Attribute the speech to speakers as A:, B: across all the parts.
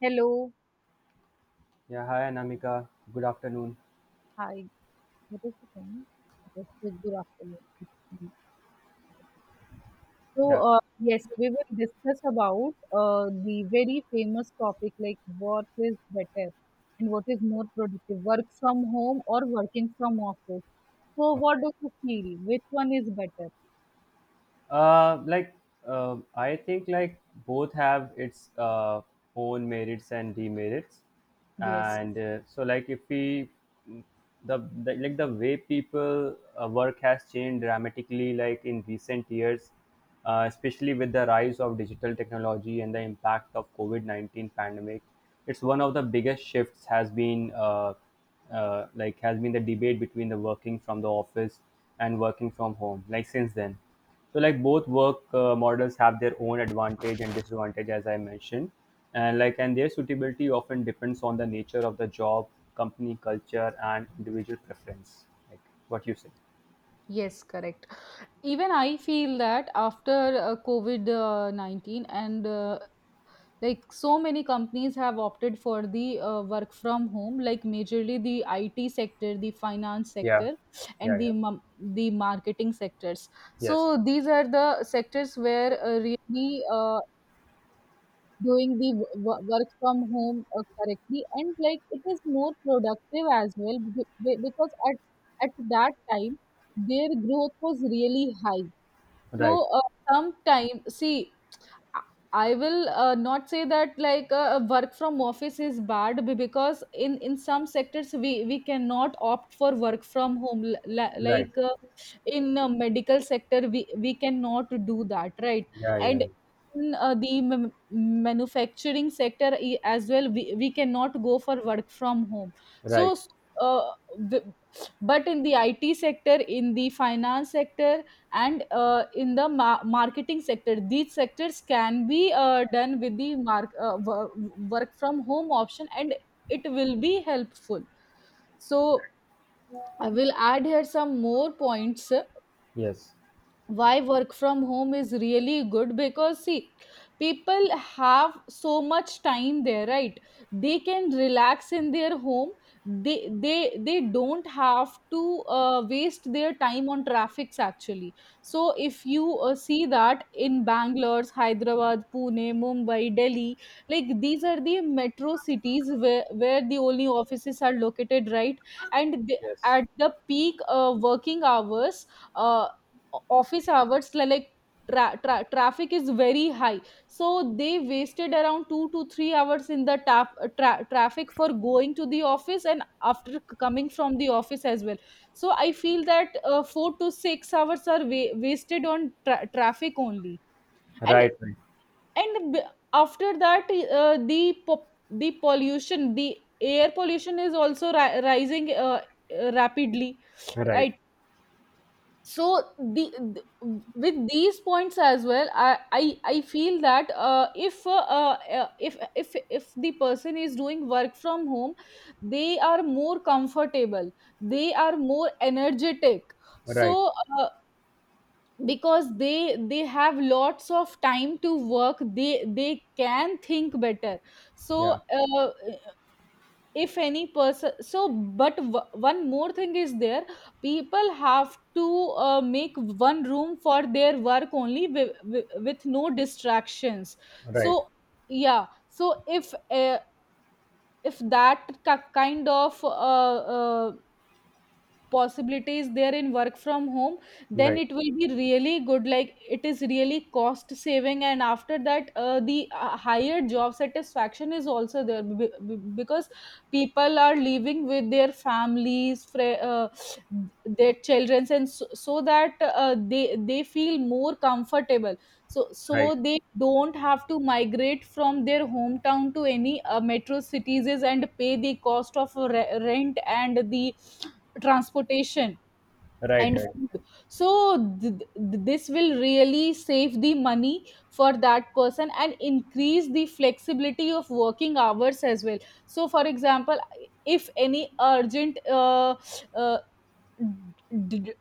A: Hello.
B: Yeah, hi Anamika. Good afternoon.
A: Hi. What is the time? Yes, good afternoon. It's fine. So,
B: Yeah,
A: uh, yes, we will discuss about the very famous topic like what is better and what is more productive, work from home or working from office. So, what
B: okay.
A: do you feel? Which one is better?
B: Uh, like I think like both have its own merits and demerits,
A: Yes,
B: and so like if we the like the way people work has changed dramatically like in recent years, especially with the rise of digital technology and the impact of COVID 19 pandemic. It's one of the biggest shifts has been has been the debate between the working from the office and working from home. Like since then. So like both work models have their own advantage and disadvantage, as I mentioned, and their suitability often depends on the nature of the job, company culture, and individual preference. Like what you say.
A: yes, correct. Even I feel that after COVID 19 and like so many companies have opted for the work from home, like majorly the IT sector, the finance
B: Yeah,
A: sector,
B: yeah,
A: and the
B: yeah.
A: the marketing sectors.
B: Yes.
A: So these are the sectors where really doing the work from home correctly, and like it is more productive as well because at that time their growth was really high. So
B: Right.
A: uh, sometime see, I will not say that like work from office is bad, because in some sectors we cannot opt for work from home.
B: Right.
A: Like in a medical sector, we cannot do that, right?
B: Yeah, yeah,
A: And
B: yeah.
A: in the manufacturing sector as well, we cannot go for work from home. so
B: Right.
A: s- uh, w- but in the IT sector, in the finance sector, and in the marketing sector, these sectors can be done with the work from home option, and it will be helpful. So I will add here some more points
B: Yes.
A: why work from home is really good, because see, people have so much time there, right? They can relax in their home. They don't have to waste their time on traffics actually. So if you see that in Bangalore, Hyderabad, Pune, Mumbai, Delhi, like these are the metro cities where the only offices are located, right? And they,
B: Yes.
A: at the peak working hours, uh, office hours, like traffic is very high. So they wasted around 2 to 3 hours in the traffic for going to the office and after coming from the office as well. So I feel that 4 to 6 hours are wasted on traffic only. and
B: Right.
A: and b- after that, uh, the po- the pollution, the air pollution is also rising rapidly,
B: Right. Right.
A: right? So with these points as well, I feel that if if the person is doing work from home, they are more comfortable, they are more energetic.
B: Right.
A: So uh, because they have lots of time to work, they can think better. So
B: Yeah.
A: if any person, one more thing is there: people have to make one room for their work only, with no distractions.
B: Right.
A: So yeah, so if that kind of possibilities there in work from home, then
B: Right.
A: it will be really good, like it is really cost saving. And after that, the higher job satisfaction is also there, because people are living with their families, their children, and so, so that they feel more comfortable. So
B: Right.
A: they don't have to migrate from their hometown to any metro cities and pay the cost of rent and the transportation
B: Right.
A: and
B: Right.
A: food. So this will really save the money for that person and increase the flexibility of working hours as well. So for example, if any urgent uh, d-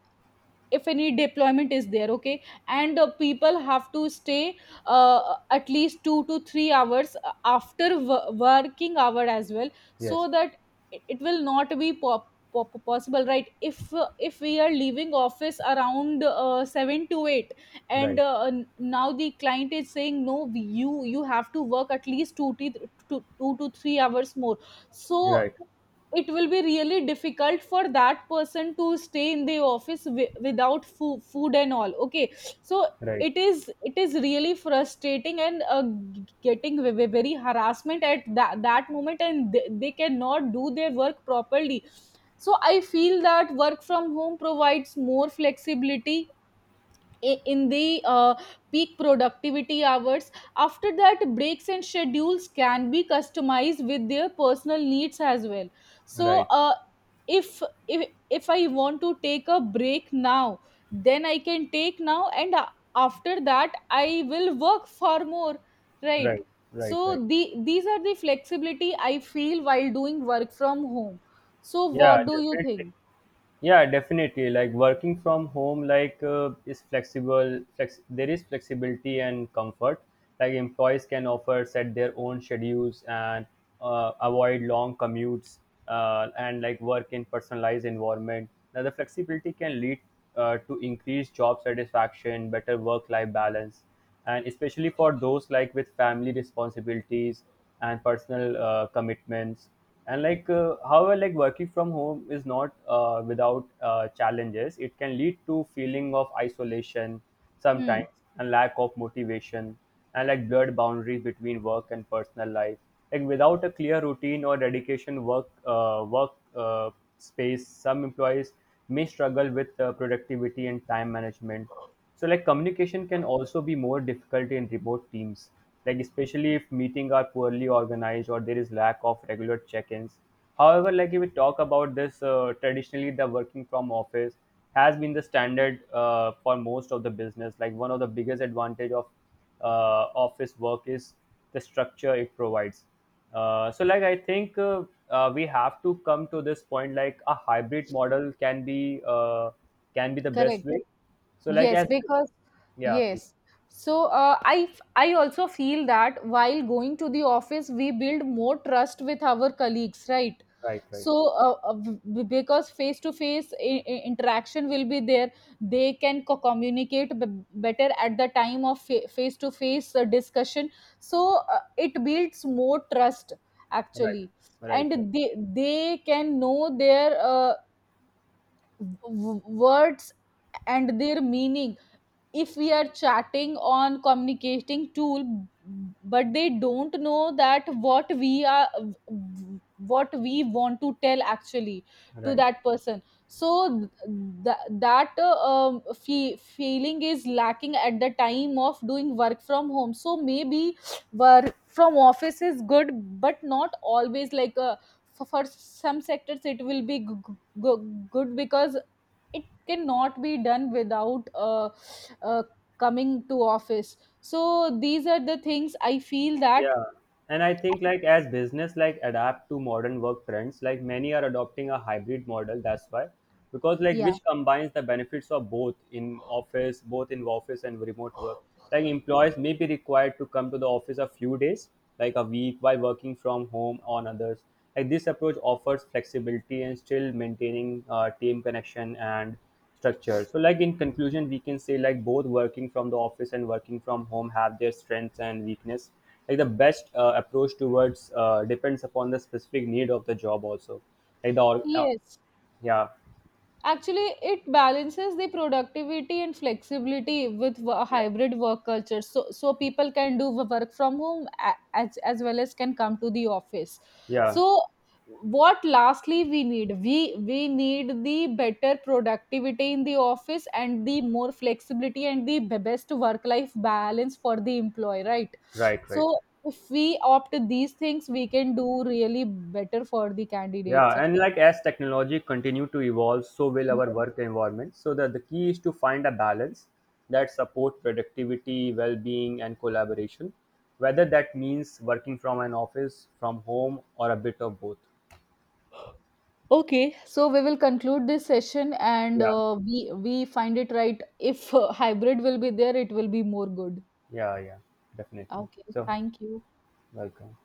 A: if any deployment is there, okay, and people have to stay at least 2 to 3 hours after working hour as well. So
B: Yes.
A: that, it will not be possible, right? If if we are leaving office around 7 to 8, and
B: Right.
A: now the client is saying no, you you have to work at least 2 to 3 hours more. So
B: Right. Right.
A: it will be really difficult for that person to stay in the office without food and all, okay? So it is, it is really frustrating and getting very harassment at that moment, and they cannot do their work properly. So I feel that work from home provides more flexibility in the peak productivity hours. After that, breaks and schedules can be customized with their personal needs as well. So,
B: Right.
A: uh, if if if I want to take a break now, then I can take now, and after that, I will work far more. Right.
B: Right.
A: So
B: Right. Right.
A: the these are the flexibility I feel while doing work from home. So
B: Yeah,
A: what do you
B: definitely.
A: think?
B: Yeah, definitely. Like working from home, like is flexible. There is flexibility and comfort. Like employees can offer set their own schedules and avoid long commutes and like work in personalized environment. Now the flexibility can lead to increased job satisfaction, better work-life balance, and especially for those like with family responsibilities and personal commitments and like however like working from home is not without challenges, it can lead to feeling of isolation
A: Hmm.
B: sometimes and lack of motivation and like blurred boundaries between work and personal life, like without a clear routine or dedication work work space. Some employees may struggle with productivity and time management. So like communication can also be more difficult in remote teams, like especially if meeting are poorly organized or there is lack of regular check-ins. However, like if we talk about this, traditionally the working from office has been the standard for most of the business. Like one of the biggest advantage of office work is the structure it provides. So like I think we have to come to this point, like a hybrid model can be the best
A: Correct.
B: way. So like
A: Yes,
B: as
A: because
B: yeah, please.
A: yes. So I also feel that while going to the office, we build more trust with our colleagues, right?
B: Right, right,
A: So uh, uh, because face to face interaction will be there, they can communicate better at the time of face to face discussion. So it builds more trust
B: right,
A: actually,
B: right, right,
A: and they can know their words and their meaning. If we are chatting on communicating tool, but they don't know that what we are, what we want to tell actually to
B: right.
A: that person. So that feeling is lacking at the time of doing work from home. So maybe work from office is good, but not always, like for some sectors it will be good because it cannot be done without uh, coming to office. So these are the things I feel that.
B: Yeah. And I think like as business like adapt to modern work trends, like many are adopting a hybrid model. That's why, because like
A: Yeah,
B: which combines the benefits of both in office and remote work. Like employees may be required to come to the office a few days, like a week, while working from home on others. Like this approach offers flexibility and still maintaining team connection and structure. So like in conclusion, we can say like both working from the office and working from home have their strengths and weakness, like the best approach towards depends upon the specific need of the job also, like the
A: yes.
B: yeah.
A: Actually, it balances the productivity and flexibility with
B: Yeah,
A: hybrid work culture. So, so people can do work from home as well as can come to the office.
B: yeah.
A: So, what lastly we need? We need the better productivity in the office and the more flexibility and the best work life balance for the employee, right?
B: Right, right.
A: So, if we opt these things, we can do really better for the candidates.
B: Yeah, and like as technology continue to evolve, so will our work environment, so that the key is to find a balance that support productivity, well-being and collaboration, whether that means working from an office, from home, or a bit of both.
A: Okay, so we will conclude this session, and
B: Yeah,
A: we find it right, if hybrid will be there, it will be more good.
B: yeah, yeah, definitely.
A: Okay,
B: So
A: thank you.
B: welcome.